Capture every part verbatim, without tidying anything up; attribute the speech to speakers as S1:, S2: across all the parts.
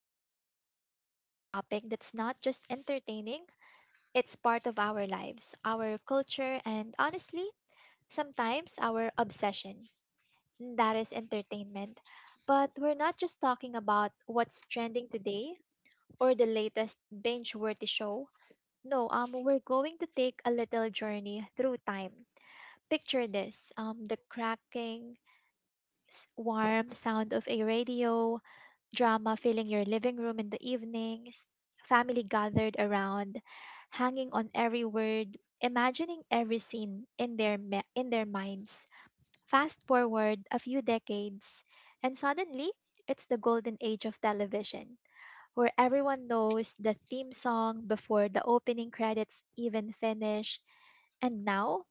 S1: today we're diving into a topic that's not just entertaining, it's part of our lives, our culture, and honestly, sometimes our obsession. And That is entertainment. But we're not just talking about what's trending today or the latest binge worthy show. No, um, we're going to take a little journey through time. Picture this um, the cracking, s- warm sound of a radio, drama filling your living room in the evenings, family gathered around, hanging on every word, imagining every scene in their ma- in their minds. Fast forward a few decades, and suddenly it's the golden age of television, where everyone knows the theme song before the opening credits even finish. And now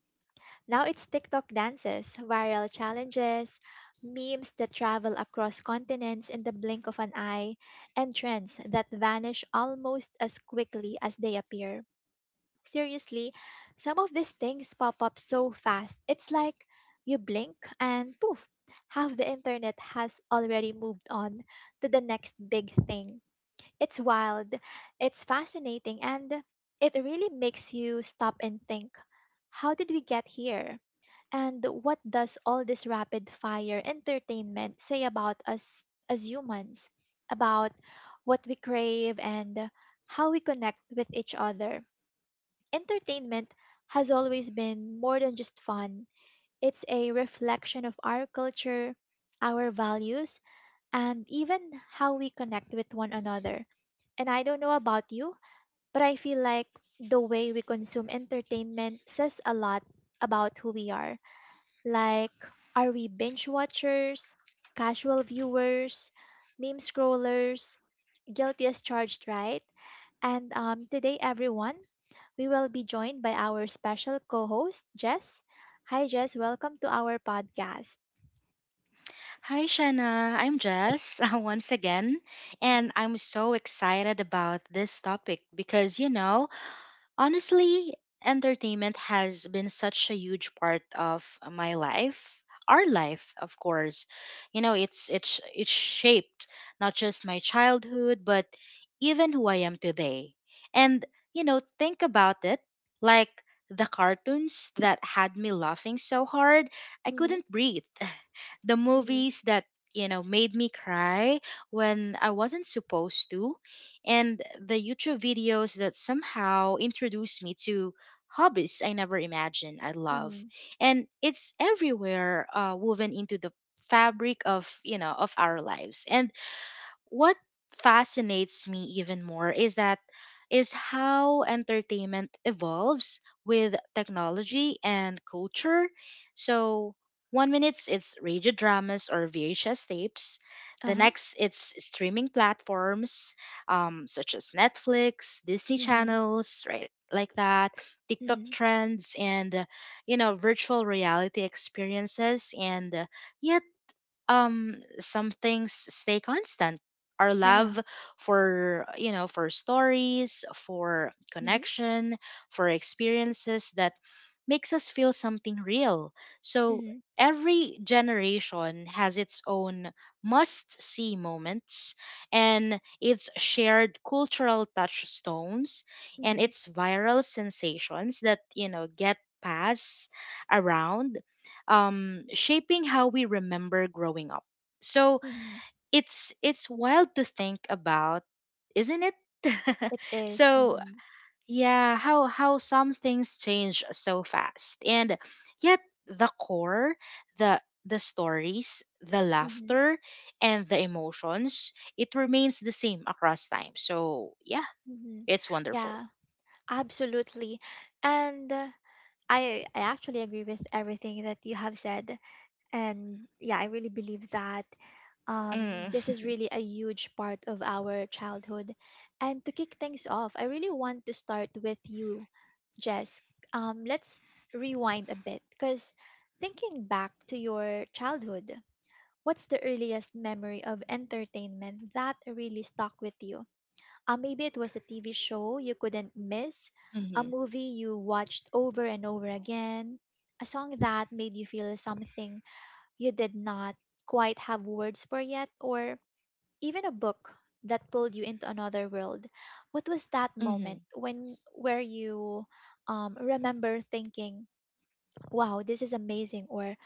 S1: now it's TikTok dances, viral challenges, memes that travel across continents in the blink of an eye, and trends that vanish almost as quickly as they appear. Seriously, some of these things pop up so fast. It's like you blink and poof, half the internet has already moved on to the next big thing. It's wild, it's fascinating, and it really makes you stop and think, how did we get here? And what does all this rapid fire entertainment say about us as humans, about what we crave and how we connect with each other? Entertainment has always been more than just fun, it's a reflection of our culture, our values, and even how we connect with one another. And I don't know about you, but I feel like the way we consume entertainment says a lot about who we are, like, are we binge watchers, casual viewers, meme scrollers, guilty as charged, right? And um, today, everyone, we will be joined by our special co host, Jess. Hi, Jess. Welcome to our podcast.
S2: Hi, Shanna. I'm Jess once again, and I'm so excited about this topic because you know, honestly, entertainment has been such a huge part of my life, our life, of course. You know, it's it's it's shaped not just my childhood, but even who I am today. And you know, think about it, like the cartoons that had me laughing so hard I
S1: Mhm.
S2: couldn't breathe, the
S1: Mhm.
S2: movies that you know made me cry when I wasn't supposed to, and the YouTube videos that somehow introduce me to hobbies I never imagined I love.
S1: Mhm.
S2: And it's everywhere, uh, woven into the fabric of you know of our lives. And what fascinates me even more is that is how entertainment evolves with technology and culture. So one minute it's radio dramas or V H S tapes, the
S1: Uh-huh.
S2: next it's streaming platforms, um, such as Netflix, Disney
S1: Mhm.
S2: channels, right? Like that, TikTok
S1: Mhm.
S2: trends, and uh, you know, virtual reality experiences, and uh, yet um some things stay constant. Our
S1: Yeah.
S2: love for you know for stories, for
S1: Mhm.
S2: connection, for experiences that makes us feel something real. So
S1: Mhm.
S2: every generation has its own must see moments, and its shared cultural touchstones, and
S1: Mhm.
S2: its viral sensations that you know get passed around, um, shaping how we remember growing up. So
S1: Mhm.
S2: it's it's wild to think about, isn't it?
S1: It is.
S2: So
S1: Mhm.
S2: yeah, how how some things change so fast, and yet the core, the the stories, the
S1: Mhm.
S2: laughter, and the emotions, it remains the same across time. So yeah,
S1: Mhm.
S2: it's wonderful.
S1: Yeah, absolutely. And uh, I I actually agree with everything that you have said, and yeah, I really believe that um,
S2: Mm.
S1: this is really a huge part of our childhood. And to kick things off, I really want to start with you, Jess. Um, let's rewind a bit, because thinking back to your childhood, what's the earliest memory of entertainment that really stuck with you? Uh, maybe it was a T V show you couldn't miss, a
S2: hmm
S1: movie you watched over and over again, a song that made you feel something you did not quite have words for yet, or even a book that pulled you into another world. What was that
S2: hmm
S1: moment when where you um, remember thinking, "Wow, this is amazing," or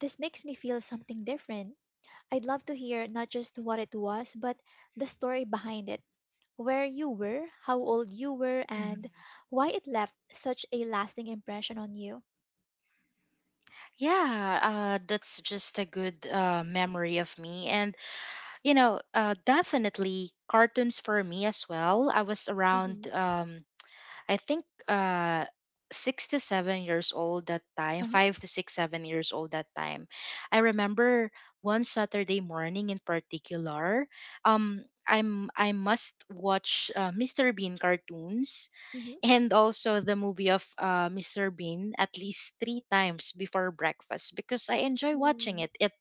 S1: "This makes me feel something different"? I'd love to hear not just what it was, but the story behind it, where you were, how old you were, and
S2: hmm
S1: why it left such a lasting impression on you.
S2: Yeah, uh, that's just a good uh, memory of me. And, you know, uh, definitely cartoons for me as well. I was
S1: Mm-hmm.
S2: around, um, I think, uh, six to seven years old that time,
S1: Uh-huh.
S2: five to six, seven years old that time. I remember one Saturday morning in particular. Um, I'm I must watch uh, mister Bean cartoons
S1: Mm-hmm.
S2: and also the movie of uh, mister Bean at least three times before breakfast because I enjoy watching
S1: Mm.
S2: it. It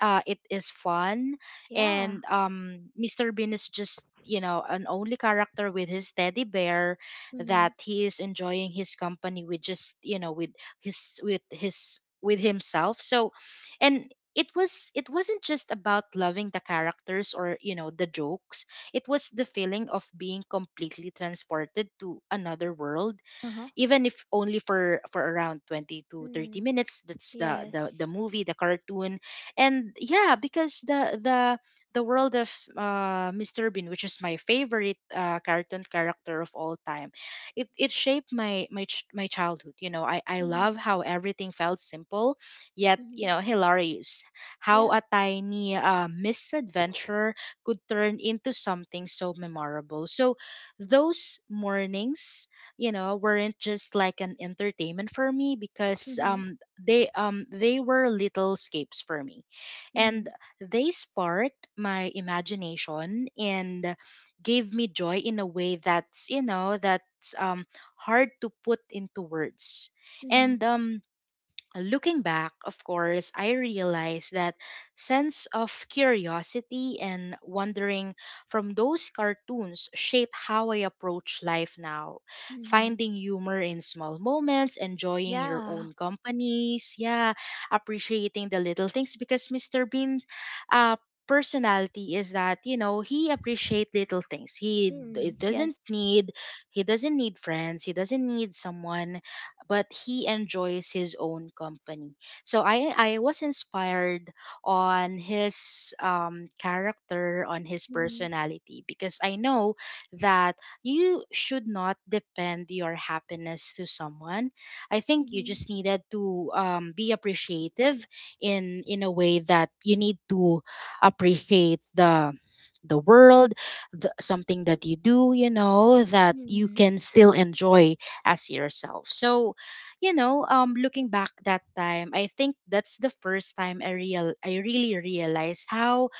S2: uh, It is fun,
S1: Yeah.
S2: and um, mister Bean is just you know an only character with his teddy bear
S1: Mm-hmm.
S2: that he is enjoying his company with, just you know with his with his with himself. So, and it was it wasn't just about loving the characters or you know the jokes. It was the feeling of being completely transported to another world,
S1: Uh-huh.
S2: even if only for for around twenty to thirty
S1: Mm.
S2: minutes, that's the the,
S1: Yes.
S2: the movie, the cartoon. And yeah, because the the the world of uh, mister Bean, which is my favorite uh, cartoon character of all time, it, it shaped my my ch- my childhood. You know, I, I
S1: Mm-hmm.
S2: love how everything felt simple, yet you
S1: Mm-hmm.
S2: know hilarious. How
S1: Yeah.
S2: a tiny uh, misadventure could turn into something so memorable. So those mornings you know weren't just like an entertainment for me, because
S1: Mm-hmm.
S2: um they um they were little escapes for me.
S1: Mm-hmm.
S2: And they sparked my imagination and gave me joy in a way that's you know that's um hard to put into words.
S1: Mm-hmm.
S2: And um looking back, of course, I realized that sense of curiosity and wondering from those cartoons shape how I approach life now.
S1: Mm-hmm.
S2: Finding humor in small moments, enjoying your
S1: Yeah.
S2: own companies, yeah, appreciating the little things, because mister Bean uh personality is that you know he appreciate little things. He d-
S1: Mm.
S2: doesn't
S1: Yes.
S2: need, he doesn't need friends, he doesn't need someone, but he enjoys his own company. So I I was inspired on his um, character, on his
S1: Mm-hmm.
S2: personality, because I know that you should not depend your happiness to someone. I think you just
S1: Mm-hmm.
S2: needed to um, be appreciative in in a way that you need to appreciate the the world, the, something that you do, you know that you
S1: Mm-hmm.
S2: can still enjoy as yourself. So you know, um, looking back that time, I think that's the first time I real I really realized how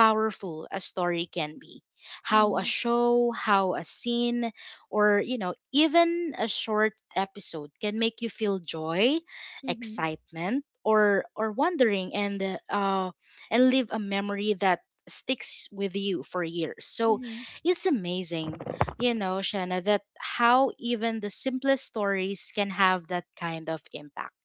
S2: powerful a story can be. How a
S1: Mm-hmm.
S2: show, how a scene, or you know, even a short episode can make you feel joy, excitement, or or wondering, and uh, uh, and leave a memory that sticks with you for years. So
S1: Mm-hmm.
S2: it's amazing, you know, Shanna, that how even the simplest stories can have that kind of impact.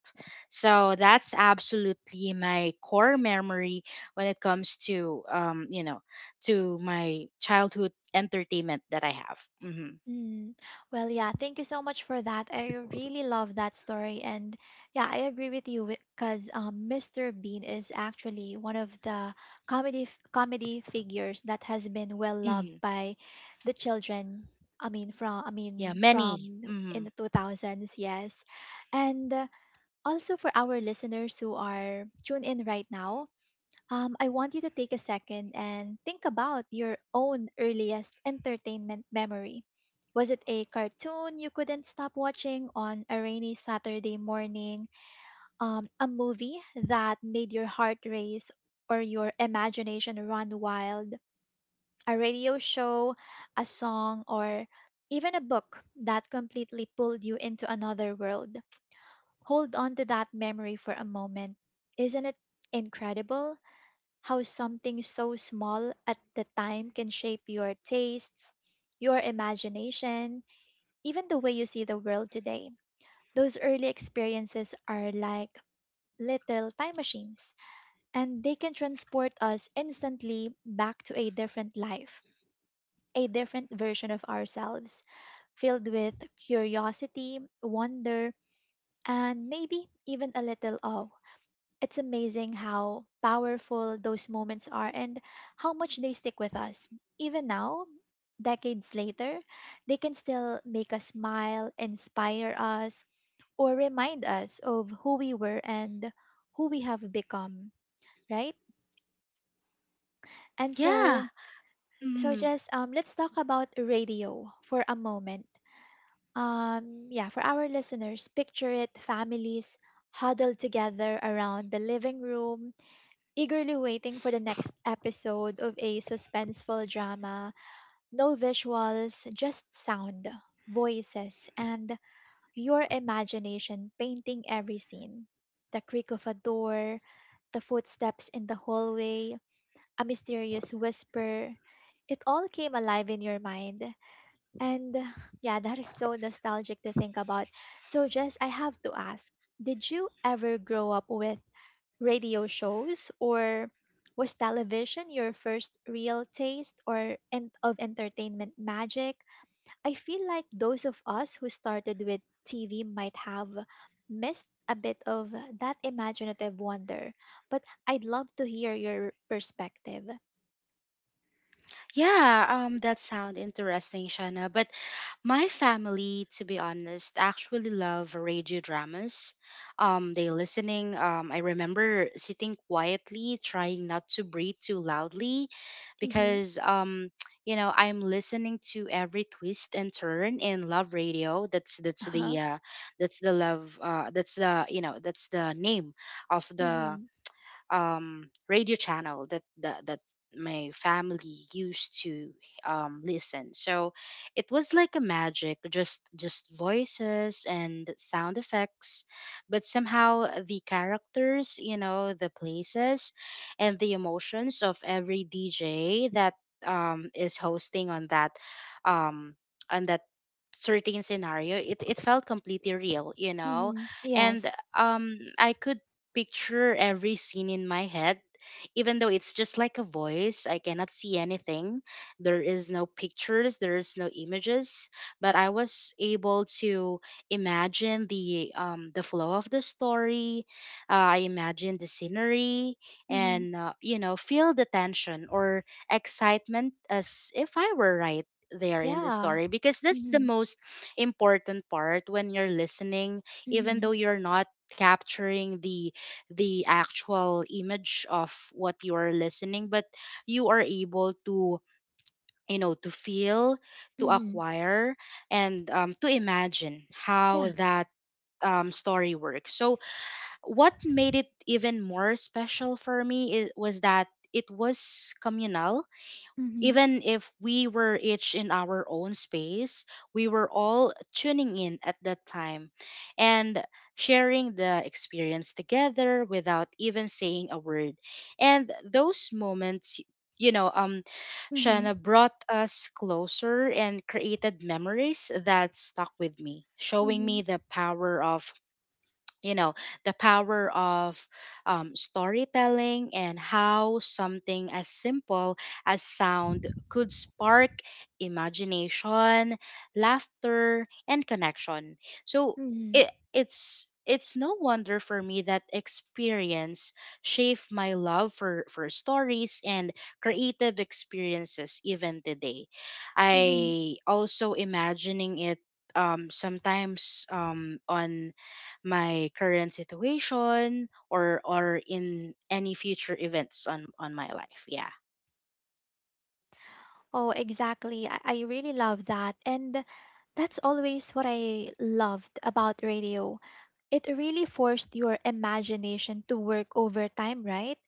S2: So that's absolutely my core memory when it comes to um you know to my childhood entertainment that I have. hmm
S1: Mm. Well, yeah, thank you so much for that. I really love that story. And yeah, I agree with you because um, Mister Bean is actually one of the comedy f- comedy figures that has been well loved
S2: hmm
S1: by the children. I mean, from I
S2: Yeah,
S1: mean,
S2: many.
S1: from in
S2: hmm
S1: the two thousands, yes. And uh, also for our listeners who are tuned in right now, um, I want you to take a second and think about your own earliest entertainment memory. Was it a cartoon you couldn't stop watching on a rainy Saturday morning? Um, a movie that made your heart race or your imagination run wild? A radio show, a song, or even a book that completely pulled you into another world? Hold on to that memory for a moment. Isn't it incredible how something so small at the time can shape your tastes, your imagination, even the way you see the world today. Those early experiences are like little time machines, and they can transport us instantly back to a different life, a different version of ourselves, filled with curiosity, wonder, and maybe even a little awe. It's amazing how powerful those moments are and how much they stick with us. Even now, decades later, they can still make us smile, inspire us, or remind us of who we were and who we have become, right? And
S2: Yeah.
S1: so, so
S2: hmm
S1: just um, let's talk about radio for a moment. Um, yeah, for our listeners, picture it, families huddled together around the living room eagerly waiting for the next episode of a suspenseful drama. No visuals, just sound, voices, and your imagination painting every scene. The creak of a door, the footsteps in the hallway, a mysterious whisper. It all came alive in your mind. And yeah, that is so nostalgic to think about. So, Jess, I have to ask, did you ever grow up with radio shows, or was television your first real taste or and of entertainment magic? I feel like those of us who started with T V might have missed a bit of that imaginative wonder, but I'd love to hear your perspective.
S2: Yeah. Um, that sound interesting, Shana. But my family, to be honest, actually love radio dramas. Um, they listening. Um, I remember sitting quietly, trying not to breathe too loudly,
S1: Mhm.
S2: because um, you know, I'm listening to every twist and turn in Love Radio. That's that's the
S1: Uh-huh.
S2: uh, that's the love. Uh, that's the you know that's the name of the
S1: Mhm.
S2: um, radio channel that, that that my family used to um, listen. So it was like a magic, just just voices and sound effects, but somehow the characters, you know, the places, and the emotions of every D J that um, is hosting on that um, on that certain scenario, it, it felt completely real, you know.
S1: Mhm.
S2: And
S1: Yes.
S2: um I could picture every scene in my head. Even though it's just like a voice, I cannot see anything. There is no pictures, there is no images, but I was able to imagine the um the flow of the story. Uh, I imagine the scenery,
S1: Mhm.
S2: and uh, you know, feel the tension or excitement as if I were right there in the
S1: Yeah.
S2: story, because that's the
S1: Mhm.
S2: most important part when you're listening, even
S1: Mhm.
S2: though you're not capturing the the actual image of what you are listening, but you are able to you know to feel, to
S1: Mhm.
S2: acquire, and um, to imagine how
S1: Yeah.
S2: that um, story works. So what made it even more special for me is was that it was communal,
S1: Mhm.
S2: even if we were each in our own space, we were all tuning in at that time and sharing the experience together without even saying a word. And those moments, you know, um,
S1: Mhm.
S2: Shana brought us closer and created memories that stuck with me, showing me
S1: Mhm.
S2: the power of you know the power of um, storytelling, and how something as simple as sound could spark imagination, laughter, and connection. So
S1: Mhm.
S2: it, it's it's no wonder for me that experience shaped my love for, for stories and creative experiences even today.
S1: Mhm.
S2: I also imagining it um, sometimes um, on my current situation or or in any future events on on my life. Yeah.
S1: Oh, exactly. I, I really love that. And that's always what I loved about radio. It really forced your imagination to work overtime, right?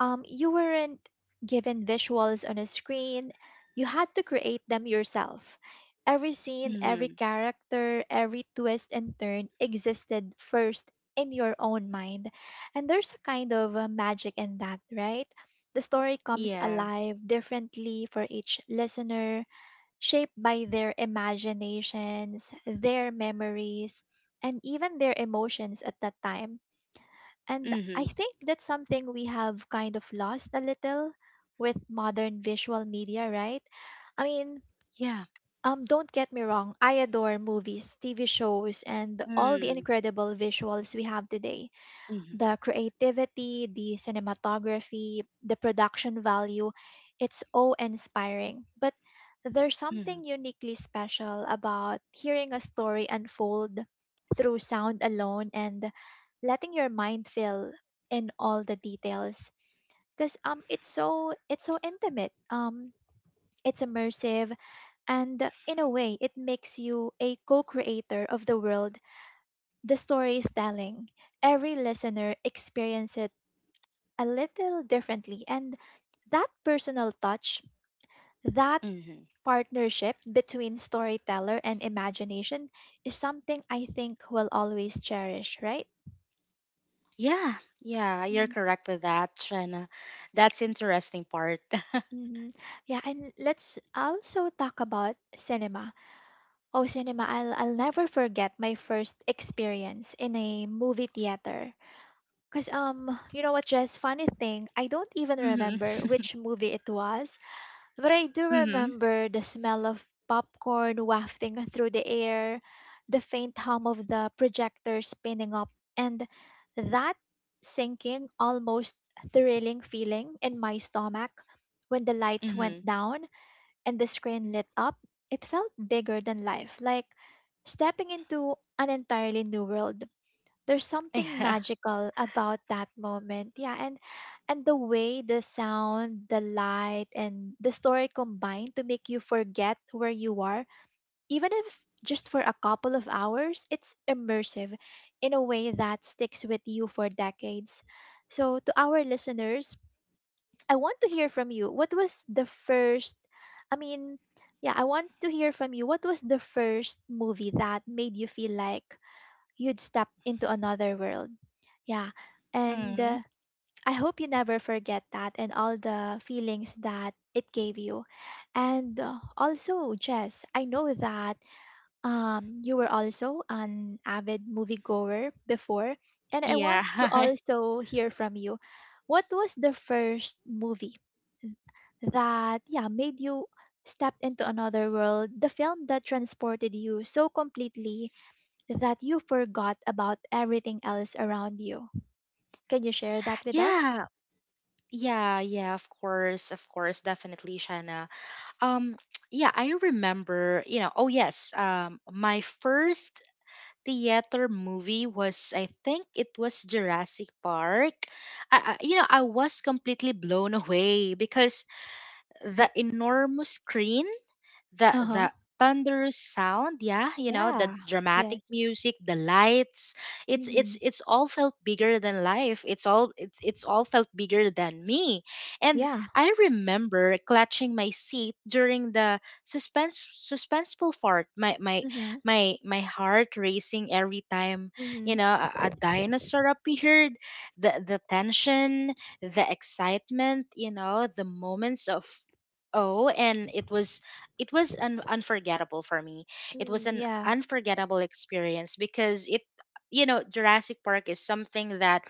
S1: Um, you weren't given visuals on a screen, you had to create them yourself. Every scene, every
S2: Mm-hmm.
S1: character, every twist and turn existed first in your own mind. And there's a kind of uh, magic in that, right? The story comes
S2: Yeah.
S1: alive differently for each listener, shaped by their imaginations, their memories, and even their emotions at that time, and I
S2: Mm-hmm.
S1: think that's something we have kind of lost a little with modern visual media, right? I mean,
S2: Yeah.
S1: um, don't get me wrong, I adore movies, T V shows, and all the
S2: Mm-hmm.
S1: incredible visuals we have today, the creativity, the cinematography, the production value, it's all inspiring. But there's
S2: Mm-hmm.
S1: something uniquely special about hearing a story unfold through sound alone and letting your mind fill in all the details, because um it's so it's so intimate, um it's immersive, and in a way it makes you a co-creator of the world the story is telling. Every listener experiences a little differently. And that personal touch, that
S2: Mm-hmm.
S1: partnership between storyteller and imagination is something I think we'll always cherish, right?
S2: Yeah, yeah, you're
S1: Mm-hmm.
S2: correct with that, Trina. That's interesting part.
S1: Mm-hmm. Yeah, and let's also talk about cinema. Oh, cinema, I'll, I'll never forget my first experience in a movie theater. Because, um, you know what, Jess, funny thing, I don't even
S2: Mm-hmm.
S1: remember which movie it was. But I do
S2: Mm-hmm.
S1: remember the smell of popcorn wafting through the air, the faint hum of the projector spinning up, and that sinking, almost thrilling feeling in my stomach when the lights
S2: Mm-hmm.
S1: went down and the screen lit up. It felt bigger than life, like stepping into an entirely new world. There's something
S2: Yeah.
S1: magical about that moment, yeah, and and the way the sound, the light, and the story combine to make you forget where you are, even if just for a couple of hours. It's immersive in a way that sticks with you for decades. So to our listeners, I want to hear from you what was the first I mean yeah, I want to hear from you, what was the first movie that made you feel like you'd step into another world. Yeah. And uh,
S2: Mm-hmm.
S1: I hope you never forget that and all the feelings that it gave you. And uh, also, Jess, I know that um, you were also an avid moviegoer before. And I
S2: Yeah.
S1: want to also hear from you. What was the first movie that, yeah, made you step into another world? The film that transported you so completely that you forgot about everything else around you. Can you share that with us?
S2: Yeah, yeah, yeah, of course, of course, definitely, Shana. um yeah, I remember, you know, oh yes, um my first theater movie was I think it was Jurassic Park. I, I you know, I was completely blown away because the enormous screen, the
S1: Uh huh.
S2: the thunderous sound, yeah, you know, the
S1: Yeah.
S2: dramatic
S1: Yes.
S2: music, the lights, it's
S1: Mm-hmm.
S2: it's it's all felt bigger than life. It's all it's, it's all felt bigger than me. And
S1: Yeah.
S2: I remember clutching my seat during the suspense suspenseful part, my my
S1: Mm-hmm.
S2: my my heart racing every time, you
S1: Mm-hmm.
S2: know, a, a dinosaur appeared. The the tension, the excitement, you know, the moments of oh. And it was, it was an unforgettable for me. It was
S1: Mm-hmm.
S2: an
S1: Yeah.
S2: unforgettable experience, because it, you know, Jurassic Park is something that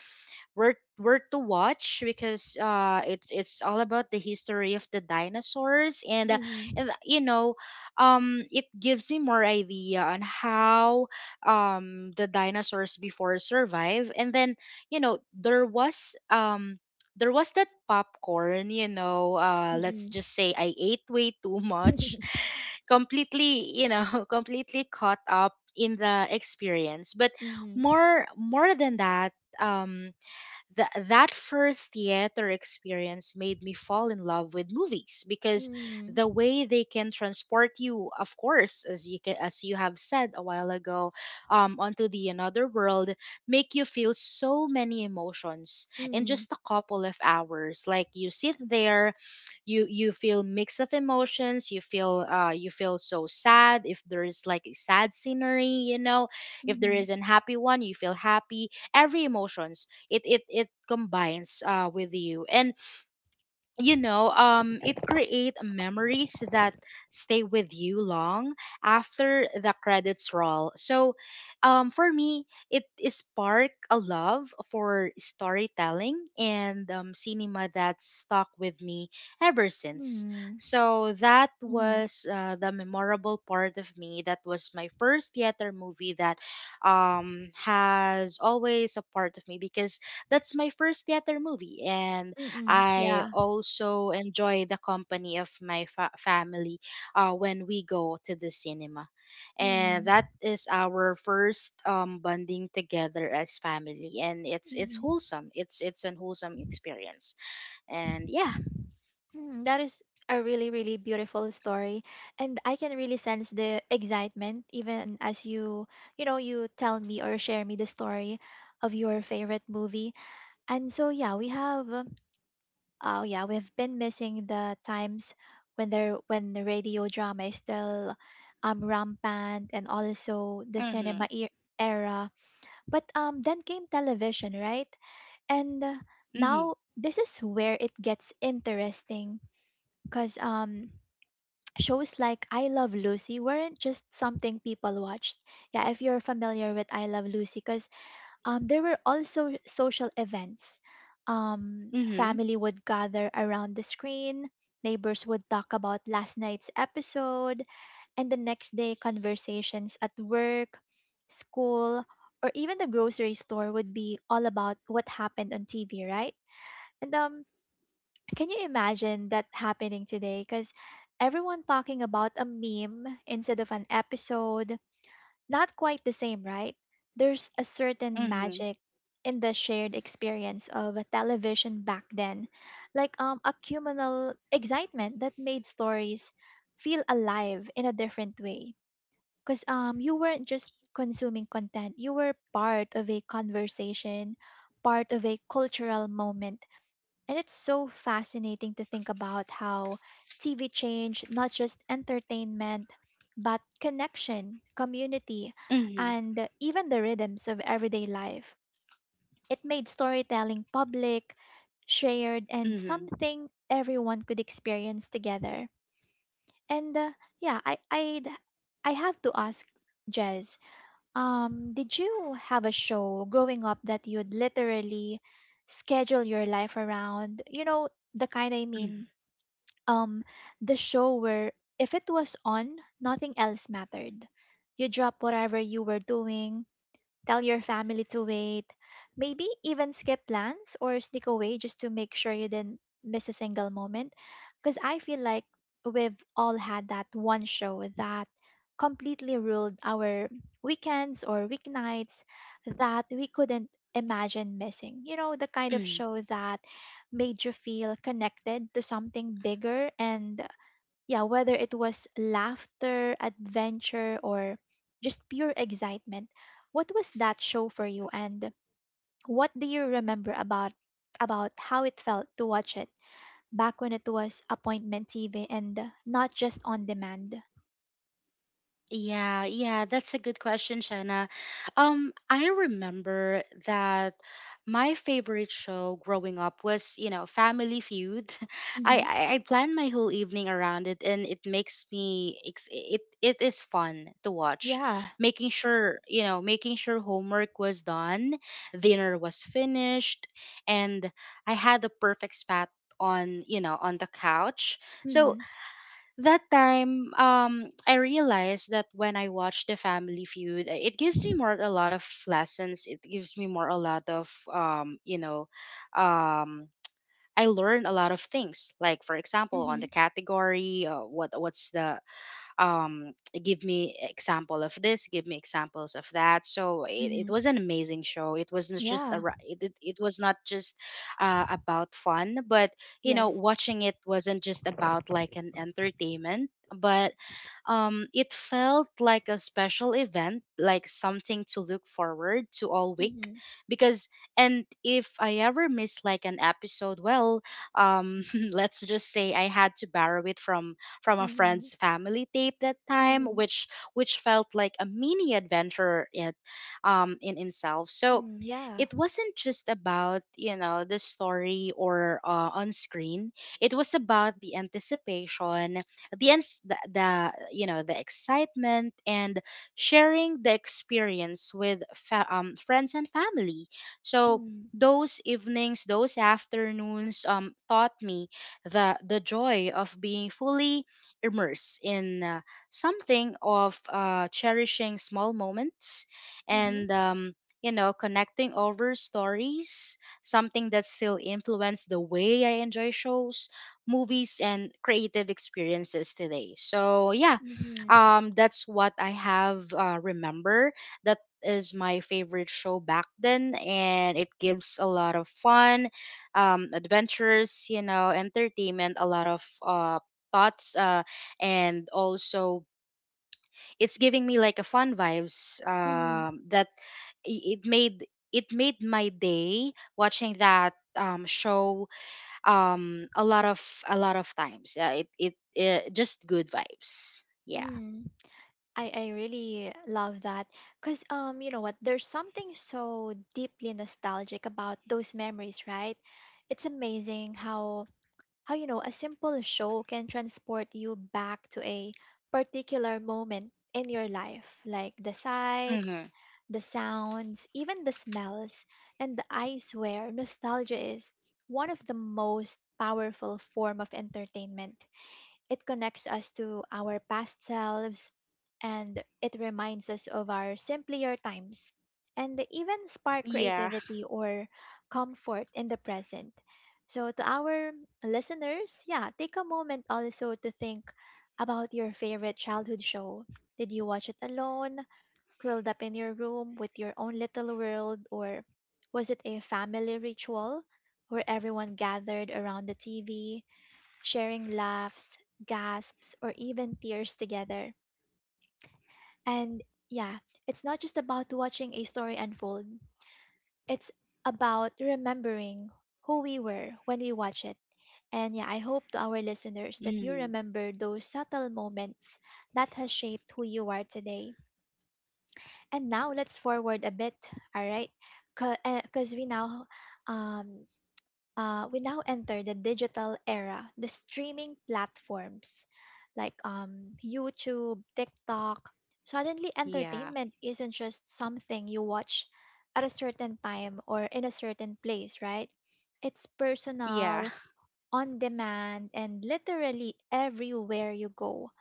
S2: worth worth to watch, because uh it's it's all about the history of the dinosaurs, and, uh,
S1: Mm-hmm.
S2: and you know, um it gives me more idea on how um the dinosaurs before survive. And then, you know, there was um there was that popcorn, you know. Uh let's
S1: Mm-hmm.
S2: just say I ate way too much. Completely, you know, completely caught up in the experience, but
S1: Mm-hmm.
S2: more more than that, um Th- that first theater experience made me fall in love with movies because
S1: Mm-hmm.
S2: the way they can transport you, of course, as you can, as you have said a while ago, um, onto the another world, make you feel so many emotions in
S1: Mm-hmm.
S2: just a couple of hours. Like you sit there, you you feel mix of emotions. You feel uh you feel so sad if there is like a sad scenery you know If there
S1: Mm-hmm.
S2: is an happy one, you feel happy, every emotions. It it it combines uh with you. And you know um it create memories that stay with you long after the credits roll. So um for me it is spark a love for storytelling and um, cinema that stuck with me ever since.
S1: Mm,
S2: So that
S1: mhm,
S2: was uh, the memorable part of me. That was my first theater movie that um has always a part of me because that's my first theater movie. And
S1: mm-mm,
S2: I
S1: yeah.
S2: also enjoy the company of my fa- family uh, when we go to the cinema. And
S1: Mm,
S2: that is our first um, bonding together as family. And it's it's
S1: mhm.
S2: wholesome. It's it's an wholesome experience. And yeah.
S1: Mm, that is a really, really beautiful story. And I can really sense the excitement even as you, you know, you tell me or share me the story of your favorite movie. And so yeah, we have um, oh yeah, we've been missing the times when there when the radio drama is still um rampant and also the
S2: Mm-hmm.
S1: cinema e- era. But um then came television, right? And uh,
S2: Mm-hmm.
S1: now this is where it gets interesting because um, shows like I Love Lucy weren't just something people watched. Yeah, if you're familiar with I Love Lucy, because um, there were also social events. Um,
S2: Mm-hmm.
S1: family would gather around the screen. Neighbors would talk about last night's episode and the next day conversations at work, school, or even the grocery store would be all about what happened on T V, right? And um, can you imagine that happening today? Because everyone talking about a meme instead of an episode, not quite the same, right? There's a certain
S2: Mm-hmm.
S1: magic in the shared experience of a television back then, like um, a communal excitement that made stories feel alive in a different way. Because um, you weren't just consuming content, you were part of a conversation, part of a cultural moment and it's so fascinating to think about how T V changed not just entertainment, but connection, community,
S2: Mm-hmm.
S1: and even the rhythms of everyday life. It made storytelling public, shared, and
S2: Mm-hmm.
S1: something everyone could experience together. And uh, yeah, I, I'd, I have to ask Jez, um, did you have a show growing up that you'd literally schedule your life around? You know, the kind I mean, um, the show where if it was on, nothing else mattered. You drop whatever you were doing, tell your family to wait. Maybe even skip plans or sneak away just to make sure you didn't miss a single moment. Because I feel like we've all had that one show that completely ruled our weekends or weeknights that we couldn't imagine missing. You know, the kind of
S2: Mm-hmm.
S1: show that made you feel connected to something bigger and yeah, whether it was laughter, adventure, or just pure excitement, what was that show for you, and what do you remember about about how it felt to watch it back when it was appointment T V and not just on demand?
S2: Yeah, yeah, that's a good question, Shanna. Um, I remember that my favorite show growing up was, you know, Family Feud. I
S1: Mm-hmm.
S2: I, I plan my whole evening around it, and it makes me it's, it it is fun to watch.
S1: Yeah.
S2: Making sure, you know, making sure homework was done, dinner was finished, and I had the perfect spot on, you know, on the couch. So
S1: Mm-hmm.
S2: that time, um, I realized that when I watch the Family Feud, uh, it gives me more a lot of lessons. It gives me more a lot of um, you know, um, I learn a lot of things. Like for example, on
S1: Mm-hmm.
S2: the category, uh, what what's the um, give me example of this, give me examples of that. So it, it
S1: Mm-hmm.
S2: was an amazing show. It was not just a,
S1: Yeah.
S2: ri- it, it, it was not just uh, about fun, but you know,
S1: Yes.
S2: watching it wasn't just about like an entertainment, but um, it felt like a special event, like something to look forward to all week.
S1: Mm-hmm.
S2: Because, and if I ever miss like an episode, well, um, let's just say I had to borrow it from from a
S1: Mm-hmm.
S2: friend's family tape that time,
S1: Mm-hmm.
S2: which which felt like a mini adventure in um in itself. So
S1: Yeah.
S2: it wasn't just about, you know, the story or uh, on screen. It was about the anticipation, the, ans- the the you know the excitement, and sharing the experience with fa- um, friends and family. So
S1: Mm-hmm.
S2: those evenings, those afternoons, um, taught me the the joy of being fully immerse in uh, something, of uh, cherishing small moments and
S1: Mm-hmm.
S2: um, you know, connecting over stories, something that still influence the way I enjoy shows, movies, and creative experiences today. So yeah,
S1: Mm-hmm.
S2: um, that's what I have uh, remember. That is my favorite show back then and it gives a lot of fun, um, adventures, you know, entertainment, a lot of uh, thoughts, uh, and also it's giving me like a fun vibes um that i- it made, it made my day watching that um show um a lot of, a lot of times. Yeah, it it, it just good vibes. Yeah.
S1: Mm-hmm. I, I really love that because um you know what, there's something so deeply nostalgic about those memories, right? It's amazing how how you know a simple show can transport you back to a particular moment in your life, like the sights,
S2: Mm-hmm.
S1: the sounds, even the smells. And I swear nostalgia is one of the most powerful form of entertainment. It connects us to our past selves and it reminds us of our simpler times and even spark
S2: Yeah.
S1: creativity or comfort in the present. So, to our listeners, yeah, take a moment also to think about your favorite childhood show. Did you watch it alone, curled up in your room with your own little world, or was it a family ritual where everyone gathered around the T V sharing laughs, gasps, or even tears together? And yeah, it's not just about watching a story unfold, it's about remembering who we were when we watch it. And yeah, I hope to our listeners that you
S2: Hmm.
S1: remember those subtle moments that has shaped who you are today. And now let's forward a bit, all right? Because we now um, uh, we now enter the digital era, the streaming platforms like um, YouTube, TikTok. Suddenly,
S2: Yeah.
S1: entertainment isn't just something you watch at a certain time or in a certain place, right? It's
S2: Yeah.
S1: personal, on demand, and literally everywhere you go.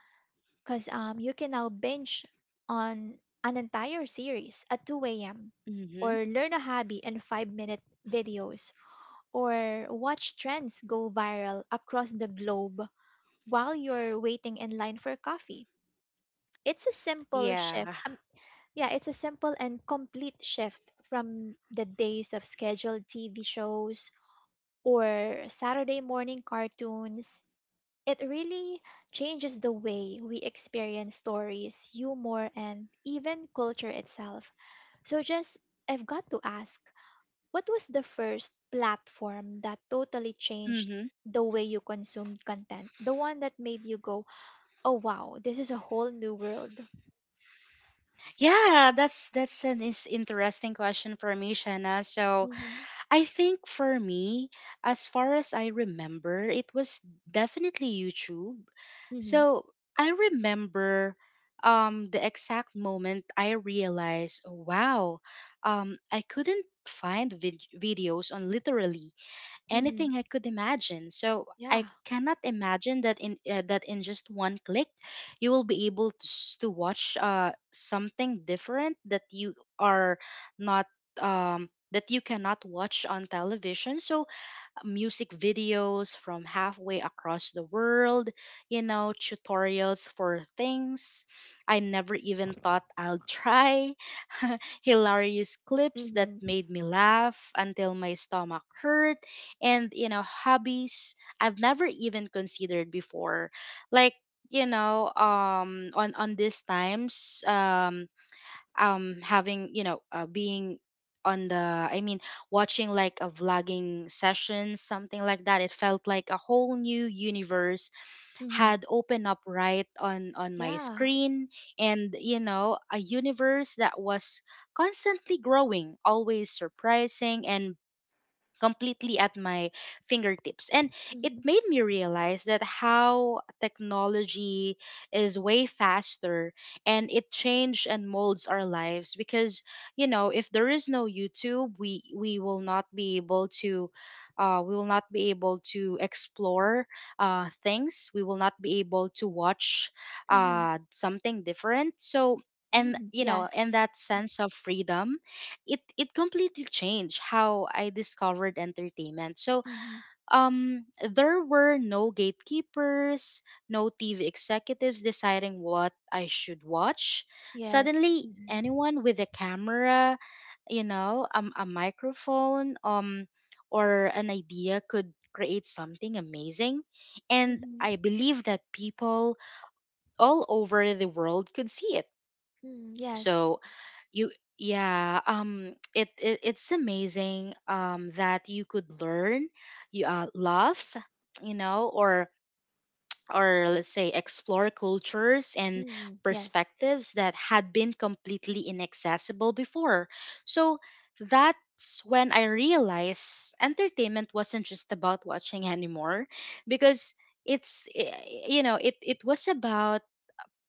S1: Because um, you can now binge on an entire series at two a m
S2: Mm-hmm.
S1: or learn a hobby in five minute videos or watch trends go viral across the globe while you're waiting in line for coffee. It's a simple
S2: Yeah.
S1: shift. Um, yeah, it's a simple and complete shift from the days of scheduled T V shows or Saturday morning cartoons. It really changes the way we experience stories, humor, and even culture itself. So, just I've got to ask, what was the first platform that totally changed
S2: Mm-hmm.
S1: the way you consumed content? The one that made you go, "Oh wow, this is a whole new world."
S2: Yeah, that's that's an is interesting question for me, Shanna. So
S1: Mhm.
S2: I think for me, as far as I remember, it was definitely YouTube.
S1: Mhm.
S2: So I remember um, the exact moment I realized, "Oh, wow, um, I couldn't find vid- videos on literally
S1: Mhm.
S2: anything I could imagine." So I
S1: Yeah.
S2: cannot imagine that in uh, that in just one click, you will be able to, s- to watch uh, something different that you are not um, that you cannot watch on television. So music videos from halfway across the world, you know, tutorials for things I never even thought I'll try, hilarious clips that
S1: Mhm.
S2: made me laugh until my stomach hurt, and, you know, hobbies I've never even considered before. Like, you know um on on these times um um having, you know, uh, being on the, I mean, watching like a vlogging session, something like that. It felt like a whole new universe
S1: Mhm.
S2: had opened up right on on my
S1: Yeah.
S2: screen, and you know, a universe that was constantly growing, always surprising, and completely at my fingertips. And it
S1: Mhm.
S2: made me realize that how technology is way faster, and it changed and molds our lives, because you know if there is no YouTube, we we will not be able to, uh, we will not be able to explore uh, things, we will not be able to watch
S1: Mhm.
S2: uh, something different. So and
S1: Mhm.
S2: you know in
S1: Yes.
S2: that sense of freedom, it it completely changed how I discovered entertainment. So
S1: Mhm.
S2: um there were no gatekeepers, no T V executives deciding what I should watch.
S1: Yes.
S2: Suddenly
S1: Mhm.
S2: anyone with a camera, you know, um, a microphone, um or an idea could create something amazing, and
S1: Mhm.
S2: I believe that people all over the world could see it.
S1: Mhm. Yes.
S2: So you, yeah, um it, it it's amazing um that you could learn, you uh, love, you know, or or let's say explore cultures and
S1: Mhm. Yes.
S2: perspectives that had been completely inaccessible before. So that's when I realized entertainment wasn't just about watching anymore, because it's eh, you know it it was about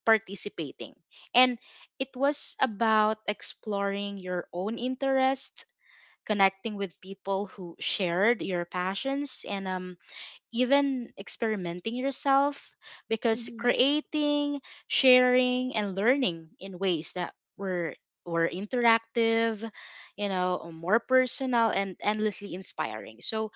S2: participating. And it was about exploring your own interests, connecting with people who shared your passions, and um, even experimenting yourself, because
S1: Mhm.
S2: creating, sharing, and learning in ways that were were interactive, you know, more personal and endlessly inspiring. So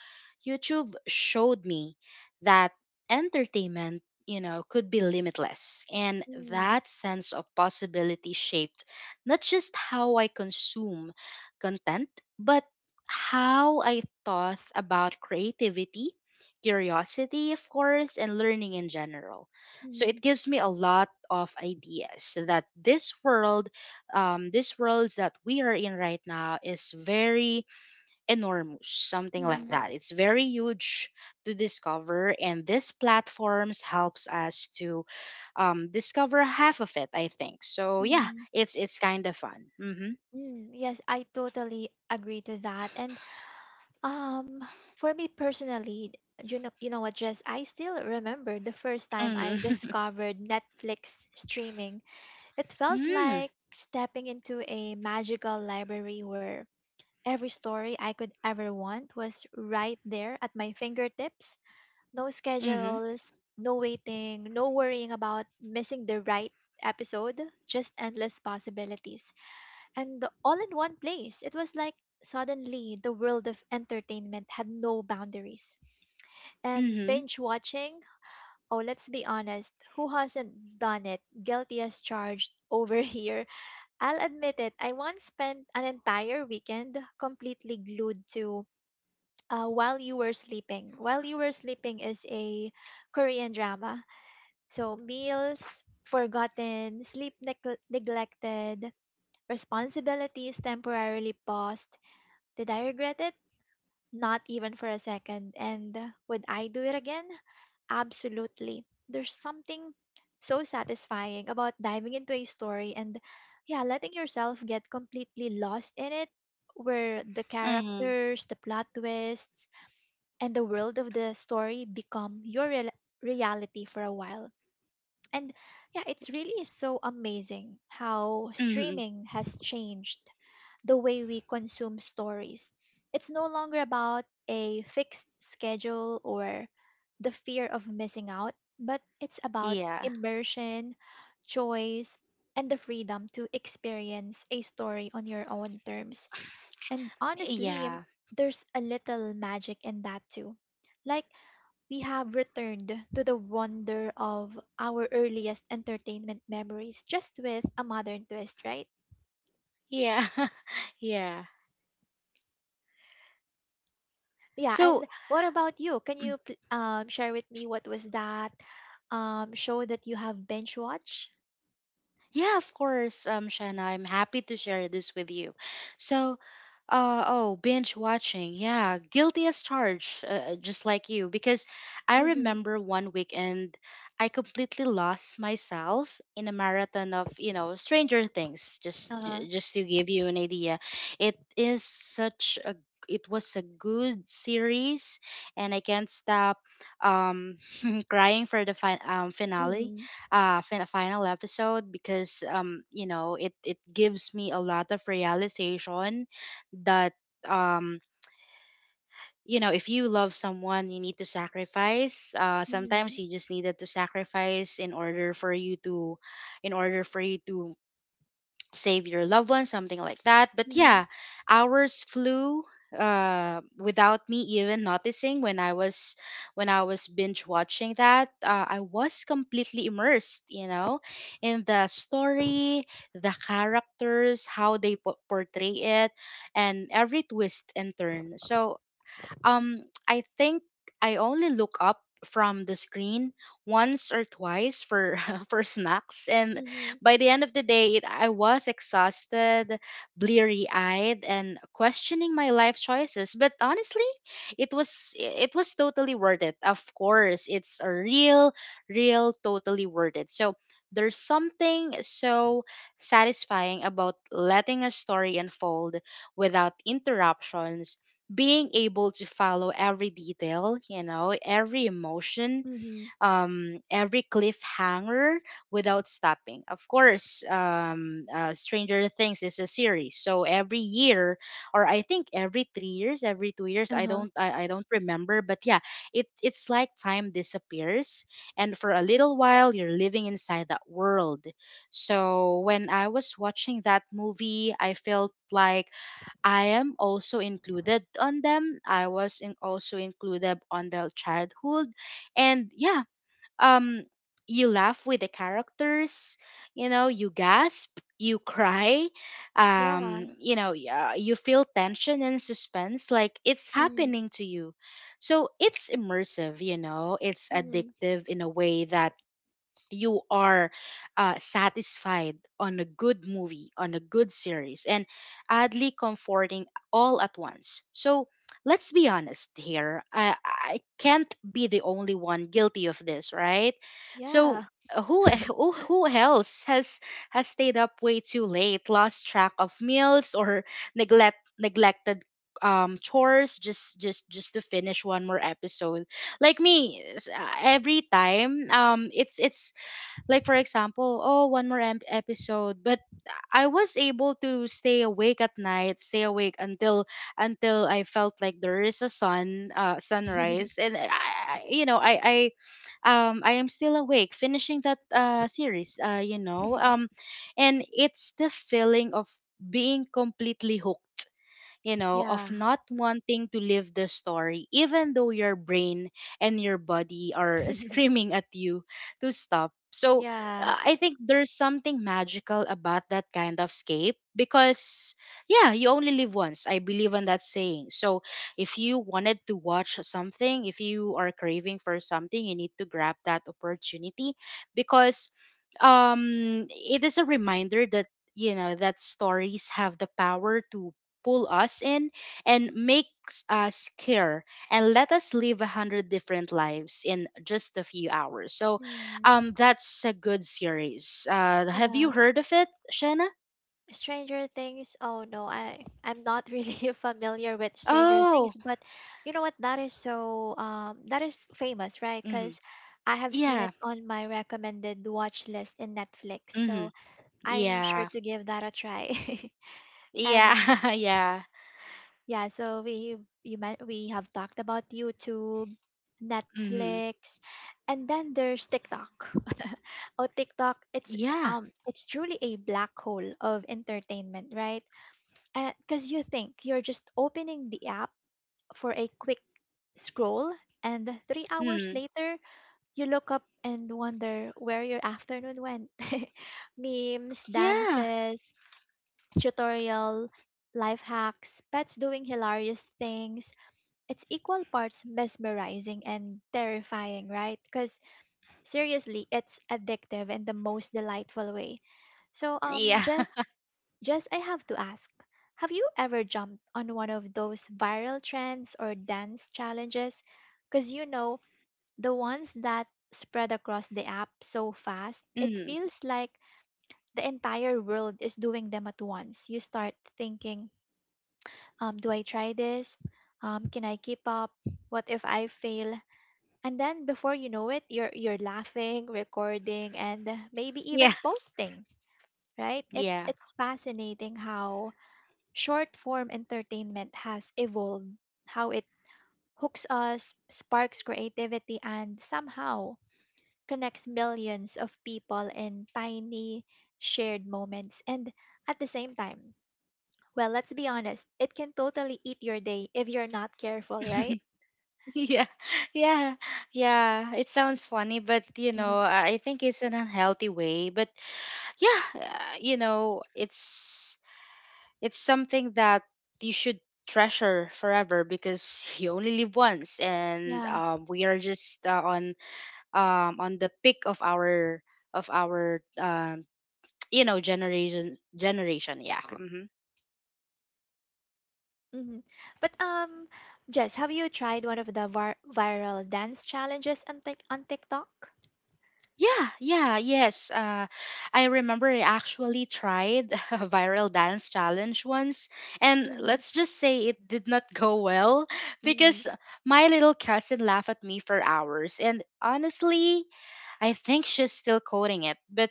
S2: YouTube showed me that entertainment, you know, could be limitless. And
S1: Mhm.
S2: that sense of possibility shaped not just how I consume content, but how I thought about creativity, curiosity, of course, and learning in general. So it
S1: Mhm.
S2: gives me a lot of ideas that this world, um, this world that we are in right now, is very enormous, something like
S1: Mhm.
S2: that. It's very huge to discover, and this platforms helps us to um, discover half of it. I think so. Yeah,
S1: Mhm.
S2: it's it's kind of fun. Mm-hmm.
S1: Mm, yes, I totally agree to that. And Um, for me personally, you know, you know what, Jess? I still remember the first time I
S2: Mm-hmm.
S1: discovered Netflix streaming. It felt like stepping into a magical library where every story I could ever want was right there at my fingertips. No
S2: Mm-hmm.
S1: schedules, no waiting, no worrying about missing the right episode, just endless possibilities and the- all in one place. It was like suddenly the world of entertainment had no boundaries. And
S2: Mm-hmm.
S1: binge watching, oh, let's be honest, who hasn't done it? Guilty as charged over here. I'll admit it, I once spent an entire weekend completely glued to uh, While You Were Sleeping. While You Were Sleeping is a Korean drama. So, meals, forgotten, sleep neg- neglected, responsibilities temporarily paused, did I regret it? Not even for a second. And uh, would I do it again? Absolutely. There's something so satisfying about diving into a story and, yeah, letting yourself get completely lost in it, where the
S2: Mm-hmm.
S1: characters, the plot twists, and the world of the story become your real reality for a while. And yeah, it's really so amazing how
S2: Mm-hmm.
S1: streaming has changed the way we consume stories. It's no longer about a fixed schedule or the fear of missing out, but it's about
S2: Yeah.
S1: immersion, choice, and the freedom to experience a story on your own terms. And honestly,
S2: Yeah.
S1: there's a little magic in that too. Like, we have returned to the wonder of our earliest entertainment memories just with a modern twist, right?
S2: Yeah. Yeah.
S1: Yeah, and
S2: So,
S1: what about you? Can you pl- um, share with me what was that um, show that you have binge watched?
S2: yeah, of course, um, Shanna. I'm happy to share this with you. So, uh, oh, binge watching. Yeah, guilty as charged, uh, just like you. Because I
S1: Mm-hmm.
S2: remember one weekend, I completely lost myself in a marathon of, you know, Stranger Things. Just,
S1: Uh,
S2: j- just to give you an idea, it is such a, it was a good series, and I can't stop, um, crying for the fi- um, finale
S1: mm-hmm.
S2: uh fin- final episode, because um you know it it gives me a lot of realization that um you know if you love someone, you need to sacrifice, uh
S1: Mm-hmm.
S2: sometimes you just needed to sacrifice in order for you to, in order for you to save your loved ones, something like that. But
S1: Mm-hmm.
S2: yeah, hours flew uh without me even noticing. When i was when i was binge watching that, uh, I was completely immersed, you know, in the story, the characters, how they po- portray it, and every twist and turn. So um, I think I only look up from the screen once or twice for for snacks, and
S1: Mm-hmm.
S2: by the end of the day, it, I was exhausted, bleary-eyed, and questioning my life choices. But honestly, it was it was totally worth it. Of course, it's a real real totally worth it. So there's something so satisfying about letting a story unfold without interruptions, being able to follow every detail, you know, every emotion,
S1: Mm-hmm.
S2: um, every cliffhanger without stopping. Of course, um, uh, Stranger Things is a series, so every year, or I think every three years, every two years, I
S1: Uh-huh.
S2: don't, I, I don't remember, but yeah, it it's like time disappears, and for a little while, you're living inside that world. So when I was watching that movie, I felt like I am also included on them. I was in also included on their childhood. And yeah, um you laugh with the characters, you know, you gasp, you cry,
S1: Yeah.
S2: um you know y- uh, you feel tension and suspense like it's
S1: Mm-hmm.
S2: happening to you. So it's immersive, you know, it's
S1: Mm-hmm.
S2: addictive in a way that you are uh, satisfied on a good movie, on a good series, and oddly comforting all at once. So let's be honest here. I, I can't be the only one guilty of this, right? So
S1: Yeah.
S2: uh, who who who else has has stayed up way too late, lost track of meals, or neglect neglected um chores, just just just to finish one more episode, like me. S- uh, every time um it's it's like, for example, oh, one more em- episode. But I was able to stay awake at night, stay awake until until I felt like there is a sun, uh, sunrise, and I, I- you know, I, I, um, I am still awake, finishing that uh series, uh, you know, um, and it's the feeling of being completely hooked, you know,
S1: Yeah.
S2: of not wanting to live the story, even though your brain and your body are screaming at you to stop. So
S1: Yeah.
S2: uh, I think there's something magical about that kind of escape because, yeah, you only live once. I believe in that saying. So if you wanted to watch something, if you are craving for something, you need to grab that opportunity, because um it is a reminder that you know that stories have the power to pull us in and makes us care, and let us live a hundred different lives in just a few hours. So,
S1: Mm,
S2: um, that's a good series. Uh, have you
S1: yeah.
S2: heard of it, Shanna?
S1: Stranger Things. Oh no, I I'm not really familiar with Stranger Things,
S2: Oh,
S1: but you know what? That is so um that is famous, right?
S2: mm-hmm.
S1: Because I have seen
S2: Yeah,
S1: it on my recommended watch list in Netflix,
S2: mm-hmm.
S1: so I'm sure
S2: Yeah,
S1: to give that a try. And
S2: yeah, yeah,
S1: yeah, so we you meant we have talked about YouTube,
S2: mm-hmm.
S1: Netflix, and then there's TikTok. Oh, TikTok, it's
S2: Yeah,
S1: um it's truly a black hole of entertainment, right? Because you think you're just opening the app for a quick scroll, and three hours
S2: mm,
S1: later, you look up and wonder where your afternoon went. Memes,
S2: yeah,
S1: dances, tutorial, life hacks, pets doing hilarious things, it's equal parts mesmerizing and terrifying, right? Because seriously, it's addictive in the most delightful way. So, um,
S2: yeah,
S1: Jess, Jess, I have to ask, have you ever jumped on one of those viral trends or dance challenges? Because you know, the ones that spread across the app so fast, it
S2: mm,
S1: feels like the entire world is doing them at once. You start thinking, um, do I try this? Um, can I keep up? What if I fail? And then before you know it, you're you're laughing, recording, and maybe
S2: yeah,
S1: even posting, right? It's
S2: yeah.
S1: it's fascinating how short form entertainment has evolved, how it hooks us, sparks creativity, and somehow connects millions of people in tiny shared moments. And at the same time, well, let's be honest, it can totally eat your day if you're not careful, right?
S2: Yeah, yeah, yeah. It sounds funny, but you know, I I think it's an unhealthy way. But yeah uh, you know it's it's something that you should treasure forever because you only live once and
S1: Yeah.
S2: um, we are just uh, on um, on the peak of our of our um, you know generation generation Yeah. Hmm.
S1: Mhm. But um, Jess, have you tried one of the vir- viral dance challenges on, Tik on TikTok?
S2: Yeah, yeah, yes. Uh, I remember I actually tried a viral dance challenge once, and
S1: Mm-hmm.
S2: let's just say it did not go well
S1: Mm-hmm.
S2: because my little cousin laughed at me for hours. And honestly, I think she's still quoting it. But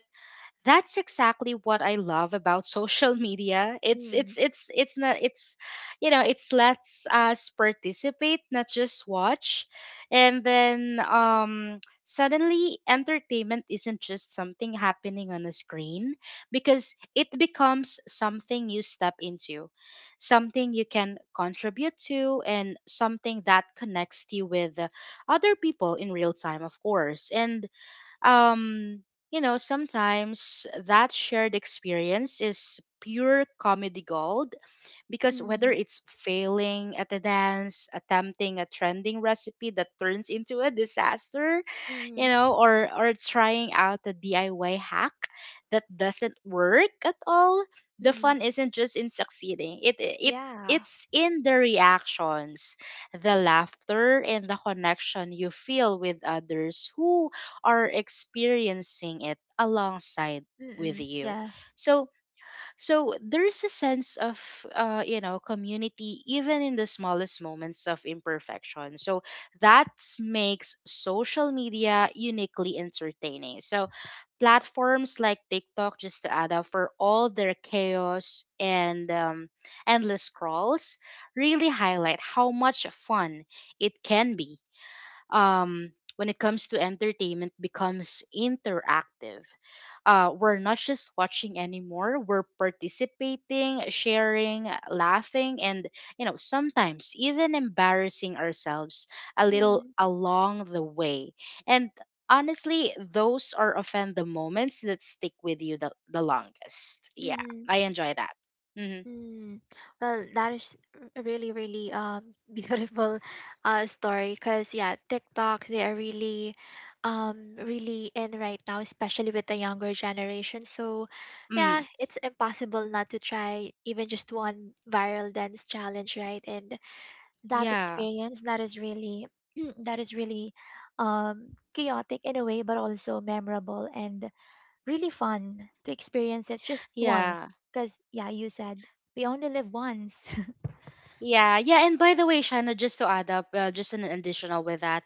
S2: that's exactly what I love about social media. It's it's it's it's not it's you know, it's lets us participate, not just watch. And then um suddenly entertainment isn't just something happening on a screen because it becomes something you step into, something you can contribute to, and something that connects you with other people in real time, of course. And um you know sometimes that shared experience is pure comedy gold because whether
S1: Mm-hmm.
S2: it's failing at a dance, attempting a trending recipe that turns into a disaster, you
S1: Mm-hmm.
S2: know, or or trying out a D I Y hack that doesn't work at all, the
S1: Mm-hmm.
S2: fun isn't just in succeeding. It it
S1: Yeah.
S2: it's in the reactions, the laughter, and the connection you feel with others who are experiencing it alongside with
S1: Mm-hmm.
S2: you.
S1: Yeah.
S2: So, so there's a sense of, uh, you know, community even in the smallest moments of imperfection. So that makes social media uniquely entertaining. So platforms like TikTok, just to add up for all their chaos and um, endless scrolls, really highlight how much fun it can be. Um, when it comes to entertainment becomes interactive uh, we're not just watching anymore, we're participating, sharing, laughing, and you know sometimes even embarrassing ourselves a little
S1: Mm-hmm.
S2: along the way, and honestly those are often the moments that stick with you the, the longest. Yeah, I enjoy that. Hmm.
S1: Mm, well, that is r- really, really um beautiful uh story because yeah, TikTok they are really um really in right now, especially with the younger generation. So
S2: Mm,
S1: yeah, it's impossible not to try even just one viral dance challenge, right? And that
S2: yeah,
S1: experience that is really that is really um chaotic in a way, but also memorable and really fun to experience it just once.
S2: yeah.
S1: Because, yeah, you said we only live once.
S2: Yeah, yeah, and by the way, Shana, just to add up, uh, just an additional with that,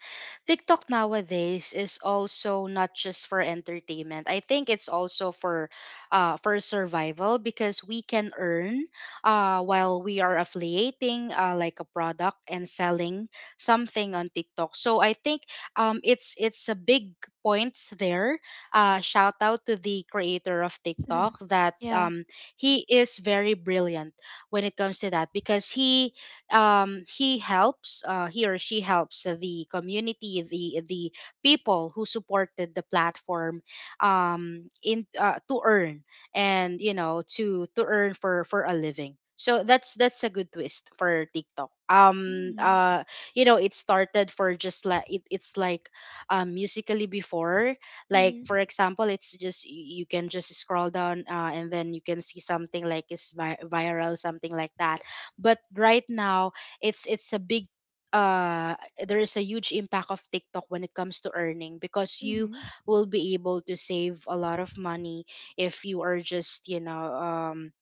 S2: TikTok nowadays is also not just for entertainment. I think it's also for, uh, for survival because we can earn, uh, while we are affiliating, uh, like a product and selling something on TikTok. So I think, um, it's it's a big points there. Uh, shout out to the creator of TikTok that
S1: Yeah.
S2: um he is very brilliant when it comes to that because he um he helps uh, he or she helps the community the the people who supported the platform um in uh, to earn, and you know, to to earn for for a living, so that's that's a good twist for TikTok. um
S1: Mm-hmm.
S2: uh you know it started for just like it, it's like um musically before, like for
S1: Mm-hmm.
S2: example, it's just y- you can just scroll down, uh, and then you can see something like is vi- viral, something like that. But right now it's it's a big uh there is a huge impact of TikTok when it comes to earning because you
S1: Mm-hmm.
S2: will be able to save a lot of money if you are just you know um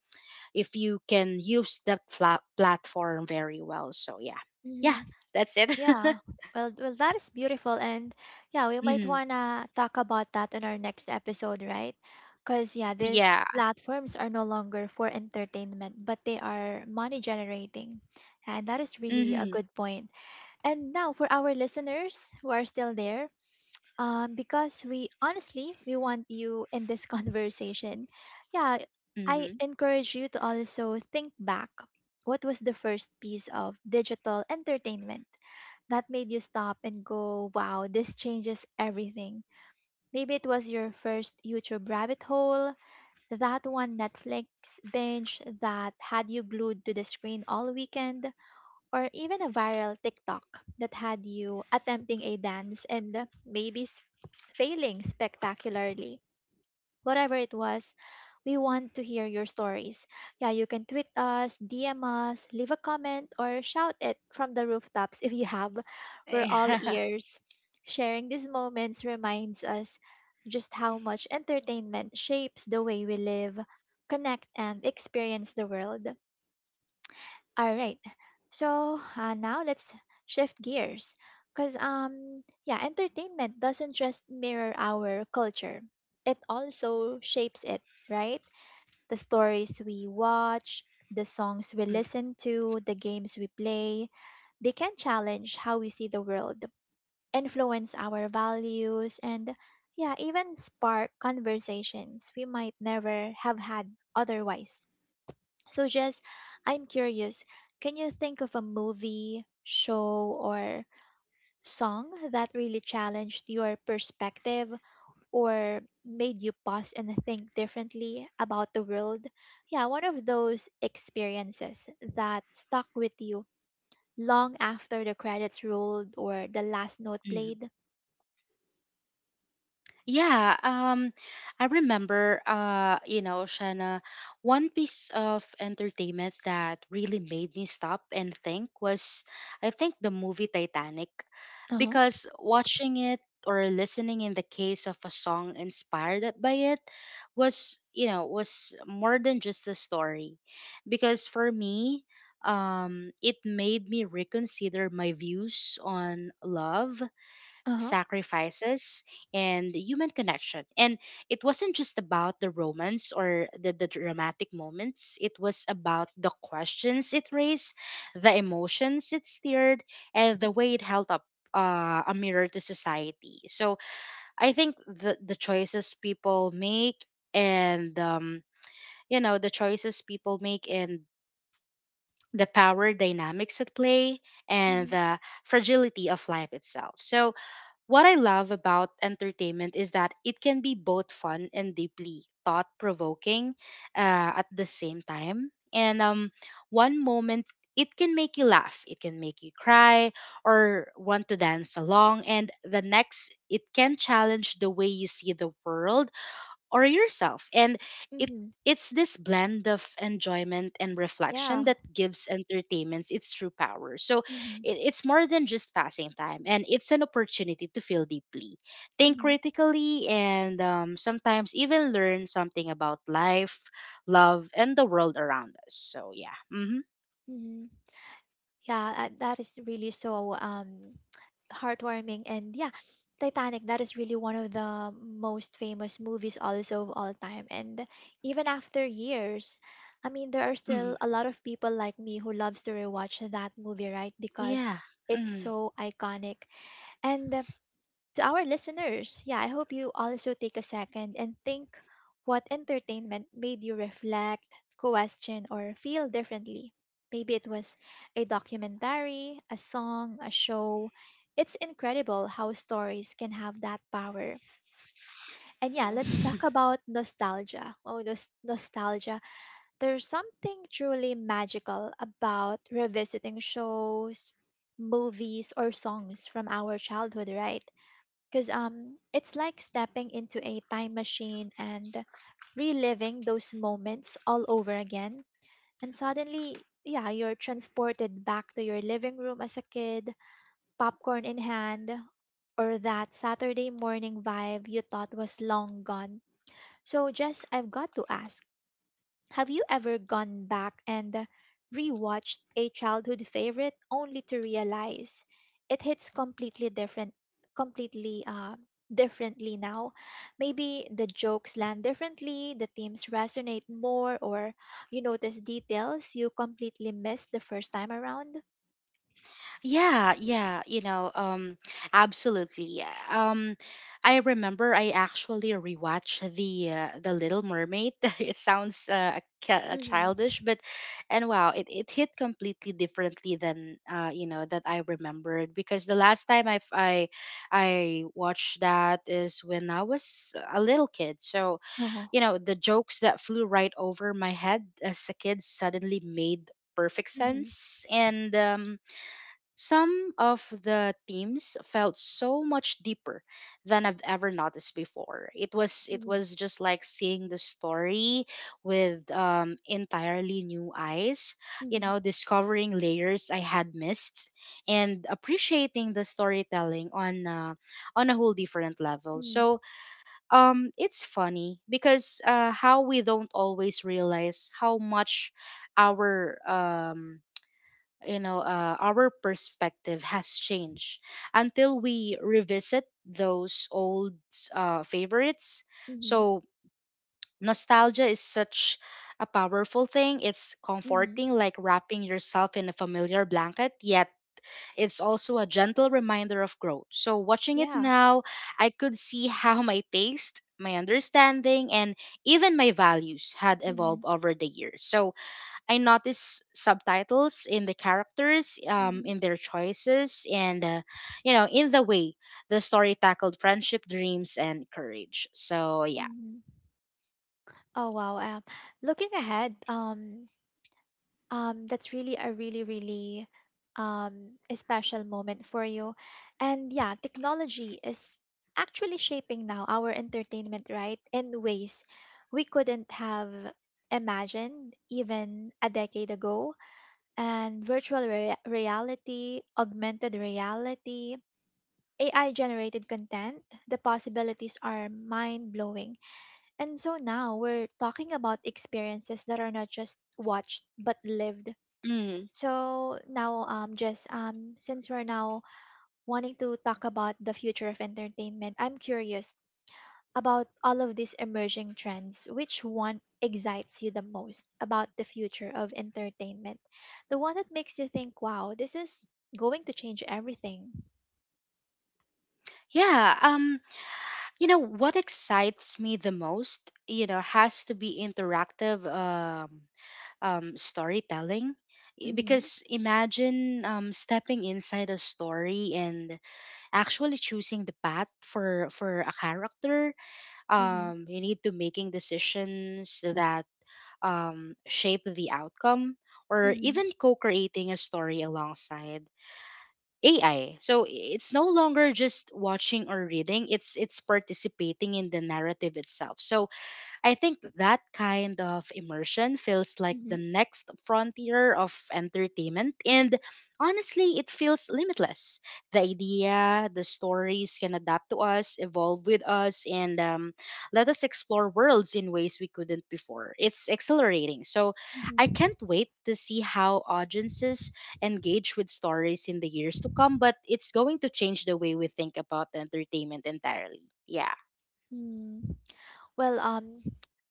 S2: if you can use that flat platform very well. So yeah, yeah, that's it.
S1: Yeah. Well, well, that is beautiful, and yeah, we might
S2: Hmm.
S1: wanna talk about that in our next episode, right? Because yeah, these
S2: Yeah.
S1: platforms are no longer for entertainment, but they are money generating, and that is really a
S2: Hmm.
S1: good point. And now for our listeners who are still there, um, because we honestly we want you in this conversation. Yeah, I
S2: Hmm.
S1: encourage you to also think back. What was the first piece of digital entertainment that made you stop and go, wow, this changes everything? Maybe it was your first YouTube rabbit hole, that one Netflix binge that had you glued to the screen all weekend, or even a viral TikTok that had you attempting a dance and maybe s- failing spectacularly. Whatever it was, we want to hear your stories. Yeah, you can tweet us, D M us, leave a comment, or shout it from the rooftops if you have. We're all ears. Sharing these moments reminds us just how much entertainment shapes the way we live, connect, and experience the world. All right. So uh, now let's shift gears because um yeah, entertainment doesn't just mirror our culture. It also shapes it, right? The stories we watch, the songs we listen to, the games we play, they can challenge how we see the world, influence our values and yeah, even spark conversations we might never have had otherwise. So, Jess, I'm curious, can you think of a movie, show, or song that really challenged your perspective or made you pause and think differently about the world? Yeah, one of those experiences that stuck with you long after the credits rolled or the last note
S2: Mhm.
S1: played.
S2: Yeah, um, I remember, uh, you know, Shanna, one piece of entertainment that really made me stop and think was, I think, the movie Titanic.
S1: Uh huh.
S2: Because watching it or listening in the case of a song inspired by it was, you know, was more than just a story. Because for me, um, it made me reconsider my views on love,
S1: Uh huh.
S2: sacrifices, and human connection. And it wasn't just about the romance or the, the dramatic moments, it was about the questions it raised, the emotions it stirred, and the way it held up. Uh, a mirror to society. So I think the the choices people make and um, you know the choices people make and the power dynamics at play and
S1: Mm-hmm.
S2: the fragility of life itself. So what I love about entertainment is that it can be both fun and deeply thought provoking uh, at the same time. And um, one moment, it can make you laugh, it can make you cry, or want to dance along. And the next, it can challenge the way you see the world or yourself, and it
S1: Mm-hmm.
S2: it's this blend of enjoyment and
S1: Yeah.
S2: reflection that gives entertainments its true power. So
S1: Mm-hmm.
S2: it, it's more than just passing time, and it's an opportunity to feel deeply, think
S1: Mm-hmm.
S2: critically, and um, sometimes even learn something about life, love, and the world around us. So yeah. Mm-hmm.
S1: Mm-hmm. Yeah, I- that is really so um heartwarming. And yeah, titanic, that is really one of the most famous movies also of all time. And even after years, I mean, there are
S2: Mm-hmm.
S1: still a lot of people like me who loves to rewatch that movie, right? because
S2: Yeah.
S1: it's
S2: Mm.
S1: so iconic and to our listeners, yeah, I hope you also take a second and think what entertainment made you reflect, question, or feel differently. Maybe it was a documentary, a song, a show. It's incredible how stories can have that power. And yeah, let's talk about nostalgia. Oh, nos- nostalgia. There's something truly magical about revisiting shows, movies, or songs from our childhood, right? because um it's like stepping into a time machine and reliving those moments all over again, and suddenly, yeah, you're transported back to your living room as a kid, popcorn in hand, or that Saturday morning vibe you thought was long gone. So Jess, I've got to ask, have you ever gone back and rewatched a childhood favorite only to realize it hits completely different, completely uh, differently now? Maybe the jokes land differently, the themes resonate more, or you notice details you completely missed the first time around.
S2: Yeah, yeah, you know, um, absolutely. Um, I remember I actually rewatched the uh, the Little Mermaid. It sounds uh, ca- uh,
S1: Mhm.
S2: childish, but and wow, it, it hit completely differently than uh, you know that I remembered because the last time I I I watched that is when I was a little kid. So
S1: Oh.
S2: you know the jokes that flew right over my head as a kid suddenly made perfect
S1: Mhm.
S2: sense, and um some of the themes felt so much deeper than I've ever noticed before. It was it
S1: Mhm.
S2: was just like seeing the story with um, entirely new eyes, you
S1: Mhm.
S2: know, discovering layers I had missed, and appreciating the storytelling on uh, on a whole different level.
S1: Mhm.
S2: So um, it's funny because uh, how we don't always realize how much our um you know uh, our perspective has changed until we revisit those old uh, favorites.
S1: Mhm.
S2: So nostalgia is such a powerful thing, it's
S1: Mhm.
S2: comforting, like wrapping yourself in a familiar blanket, yet it's also a gentle reminder of growth. So watching it
S1: Yeah.
S2: now, I could see how my taste, my understanding, and even my values had evolved
S1: Mhm.
S2: over the years. So I notice subtitles in the characters, um,
S1: Mhm.
S2: in their choices, and uh, you know, in the way the story tackled friendship, dreams, and courage. So yeah.
S1: Mhm. Oh wow. Um, looking ahead, um, um, that's really a really really um, a special moment for you. And yeah, technology is actually shaping now our entertainment, right, in ways we couldn't have imagined even a decade ago. And virtual rea- reality, augmented reality, A I generated content, the possibilities are mind blowing. And so now we're talking about experiences that are not just watched but lived.
S2: Mm.
S1: So now, um, Jess, um, since we're now wanting to talk about the future of entertainment, I'm curious about all of these emerging trends. Which one excites you the most about the future of entertainment? The one that makes you think, "Wow, this is going to change everything."
S2: Yeah. Um, you know what excites me the most? You know, has to be interactive um, um, storytelling. I-
S1: Mm-hmm.
S2: Because imagine um, stepping inside a story and actually choosing the path for for a character,
S1: Mm-hmm.
S2: um, you need to making decisions that um, shape the outcome or
S1: Mm-hmm.
S2: even co-creating a story alongside A I. So it's no longer just watching or reading, it's it's participating in the narrative itself. So I think that kind of immersion feels like the
S1: Mm-hmm.
S2: next frontier of entertainment. And honestly, it feels limitless. The idea, the stories can adapt to us, evolve with us, and um, let us explore worlds in ways we couldn't before. It's exhilarating. So I
S1: Mm-hmm.
S2: can't wait to see how audiences engage with stories in the years to come, but it's going to change the way we think about entertainment entirely. Yeah.
S1: Mm. Well, um,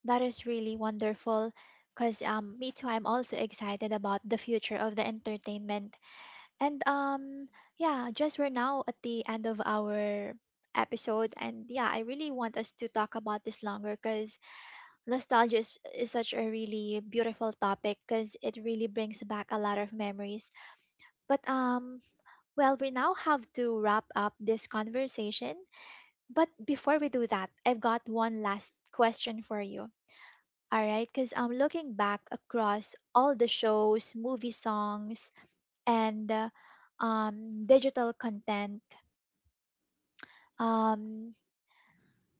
S1: that is really wonderful, cause um, me too. I'm also excited about the future of the entertainment. And um yeah, just, we're now at the end of our episode, and yeah, I really want us to talk about this longer cuz nostalgia is, is such a really beautiful topic cuz it really brings back a lot of memories. But um well, we now have to wrap up this conversation, but before we do that, I've got one last question for you. All right, because I'm looking back across all the shows, movie songs, and uh, um, digital content. Um,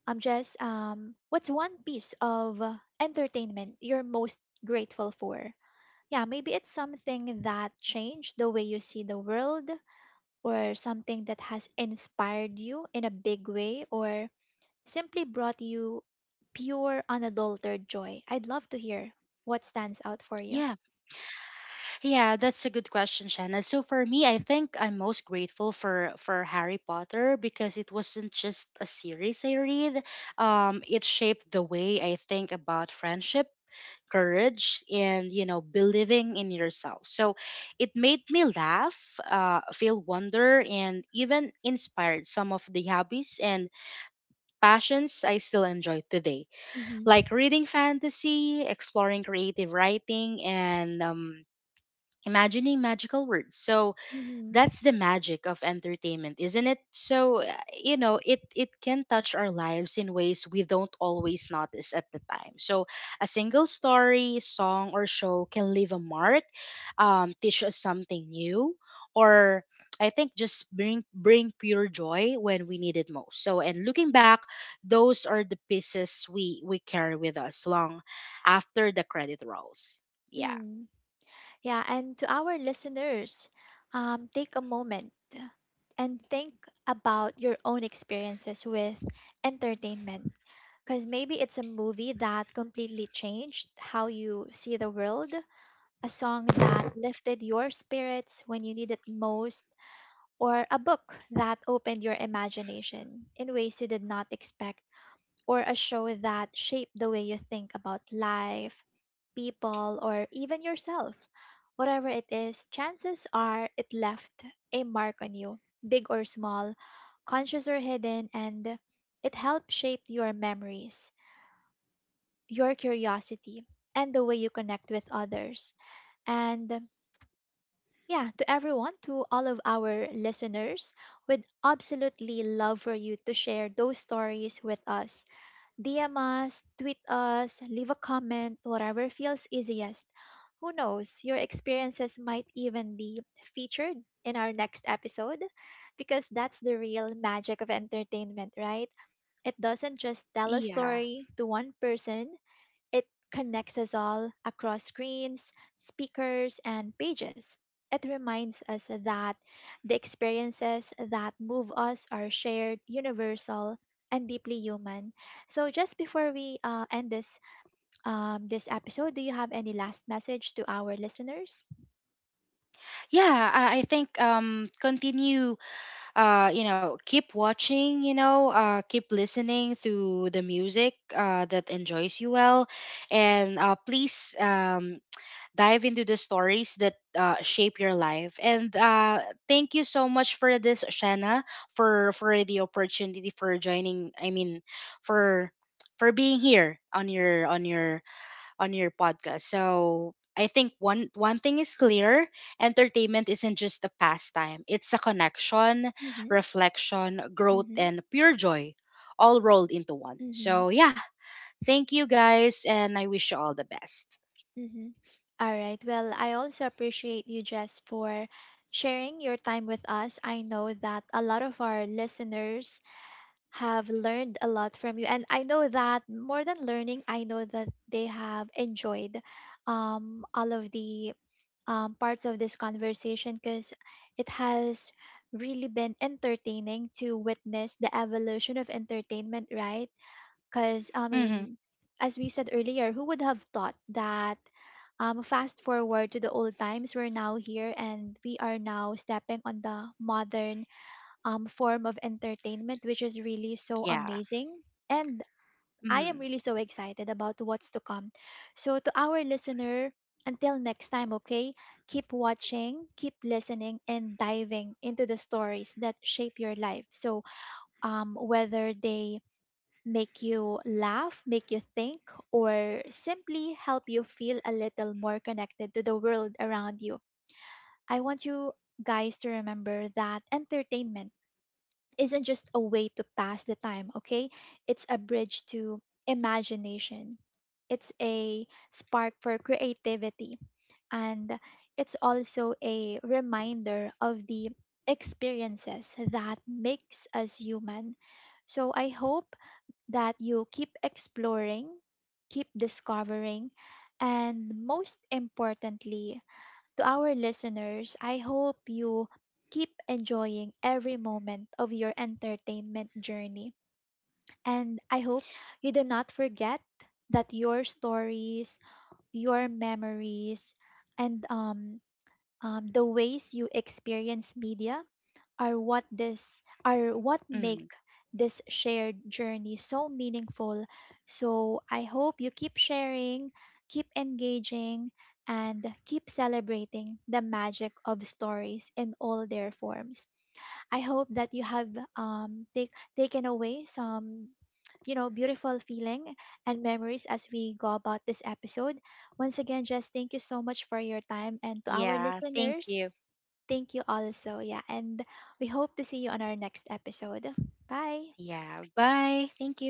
S1: I'm just um, what's one piece of uh, entertainment you're most grateful for? Yeah, maybe it's something that changed the way you see the world, or something that has inspired you in a big way, or simply brought you pure, unadulterated joy. I'd love to hear what stands out for you.
S2: Yeah. Yeah, that's a good question, Shanna. So for me, I think I'm most grateful for for Harry Potter because it wasn't just a series I read. Um, it shaped the way I think about friendship, courage, and you know, believing in yourself. So it made me laugh, uh, feel wonder, and even inspired some of the hobbies and passions I still enjoy today,
S1: Mm-hmm.
S2: like reading fantasy, exploring creative writing, and um imagining magical words. So that's the magic of entertainment, isn't it? So uh, you know, it it can touch our lives in ways we don't always notice at the time. So a single story, song, or show can leave a mark, um, teach us something new, or
S1: Mm-hmm.
S2: I think just bring bring pure joy when we need it most. So and looking back, those are the pieces we we carry with us long after the credit rolls. Yeah.
S1: Yeah, and to our listeners, um, take a moment and think about your own experiences with entertainment. Because maybe it's a movie that completely changed how you see the world, a song that lifted your spirits when you need it most, or a book that opened your imagination in ways you did not expect, or a show that shaped the way you think about life, people, or even yourself. Whatever it is, chances are it left a mark on you, big or small, conscious or hidden, and it helped shape your memories, your curiosity, and the way you connect with others. And yeah, to everyone, to all of our listeners, we'd absolutely love for you to share those stories with us. D M us, tweet us, leave a comment, whatever feels easiest. Who knows, your experiences might even be featured in our next episode, because that's the real magic of entertainment, right? It doesn't just tell a
S2: Yeah.
S1: story to one person, it connects us all across screens, speakers, and pages. It reminds us that the experiences that move us are shared, universal, and deeply human. So, just before we uh, end this um, this episode, do you have any last message to our listeners?
S2: Yeah, I, I think um, continue, uh, you know, keep watching, you know, uh, keep listening to the music uh, that enjoys you well, and uh, please um, dive into the stories that uh, shape your life. And uh, thank you so much for this, Shanna, for for the opportunity for joining. I mean, for for being here on your on your on your podcast. So I think one one thing is clear: entertainment isn't just a pastime; it's a connection,
S1: Mm-hmm,
S2: reflection, growth,
S1: mm-hmm,
S2: and pure joy, all rolled into one.
S1: mm-hmm,
S2: So yeah, thank you guys, and I wish you all the best.
S1: mm-hmm. All right. Well, I also appreciate you, Jess, for sharing your time with us. I know that a lot of our listeners have learned a lot from you. And I know that more than learning, I know that they have enjoyed um, all of the um, parts of this conversation, because it has really been entertaining to witness the evolution of entertainment, right? Because, I
S2: Mm-hmm.
S1: mean, as we said earlier, who would have thought that? Um, fast forward to the old times, we're now here and we are now stepping on the modern um, form of entertainment, which is really so
S2: Yeah.
S1: amazing. And I
S2: Mm-hmm.
S1: am really so excited about what's to come. So, to our listener, until next time, okay? Keep watching, keep listening, and diving into the stories that shape your life. So, um, whether they make you laugh, make you think, or simply help you feel a little more connected to the world around you, I want you guys to remember that entertainment isn't just a way to pass the time, okay? It's a bridge to imagination. It's a spark for creativity. And it's also a reminder of the experiences that makes us human. So I hope that you keep exploring, keep discovering, and most importantly, to our listeners, I hope you keep enjoying every moment of your entertainment journey. And I hope you do not forget that your stories, your memories, and um, um, the ways you experience media are what this are what
S2: Mm-hmm.
S1: make this shared journey so meaningful. So I hope you keep sharing, keep engaging, and keep celebrating the magic of stories in all their forms. I hope that you have um, take, taken away some you know beautiful feeling and memories as we go about this episode. Once again, just thank you so much for your time, and to our
S2: Yeah. Thank
S1: listeners,
S2: you.
S1: thank you also. Yeah. And we hope to see you on our next episode. Bye.
S2: Yeah. Bye. Thank you.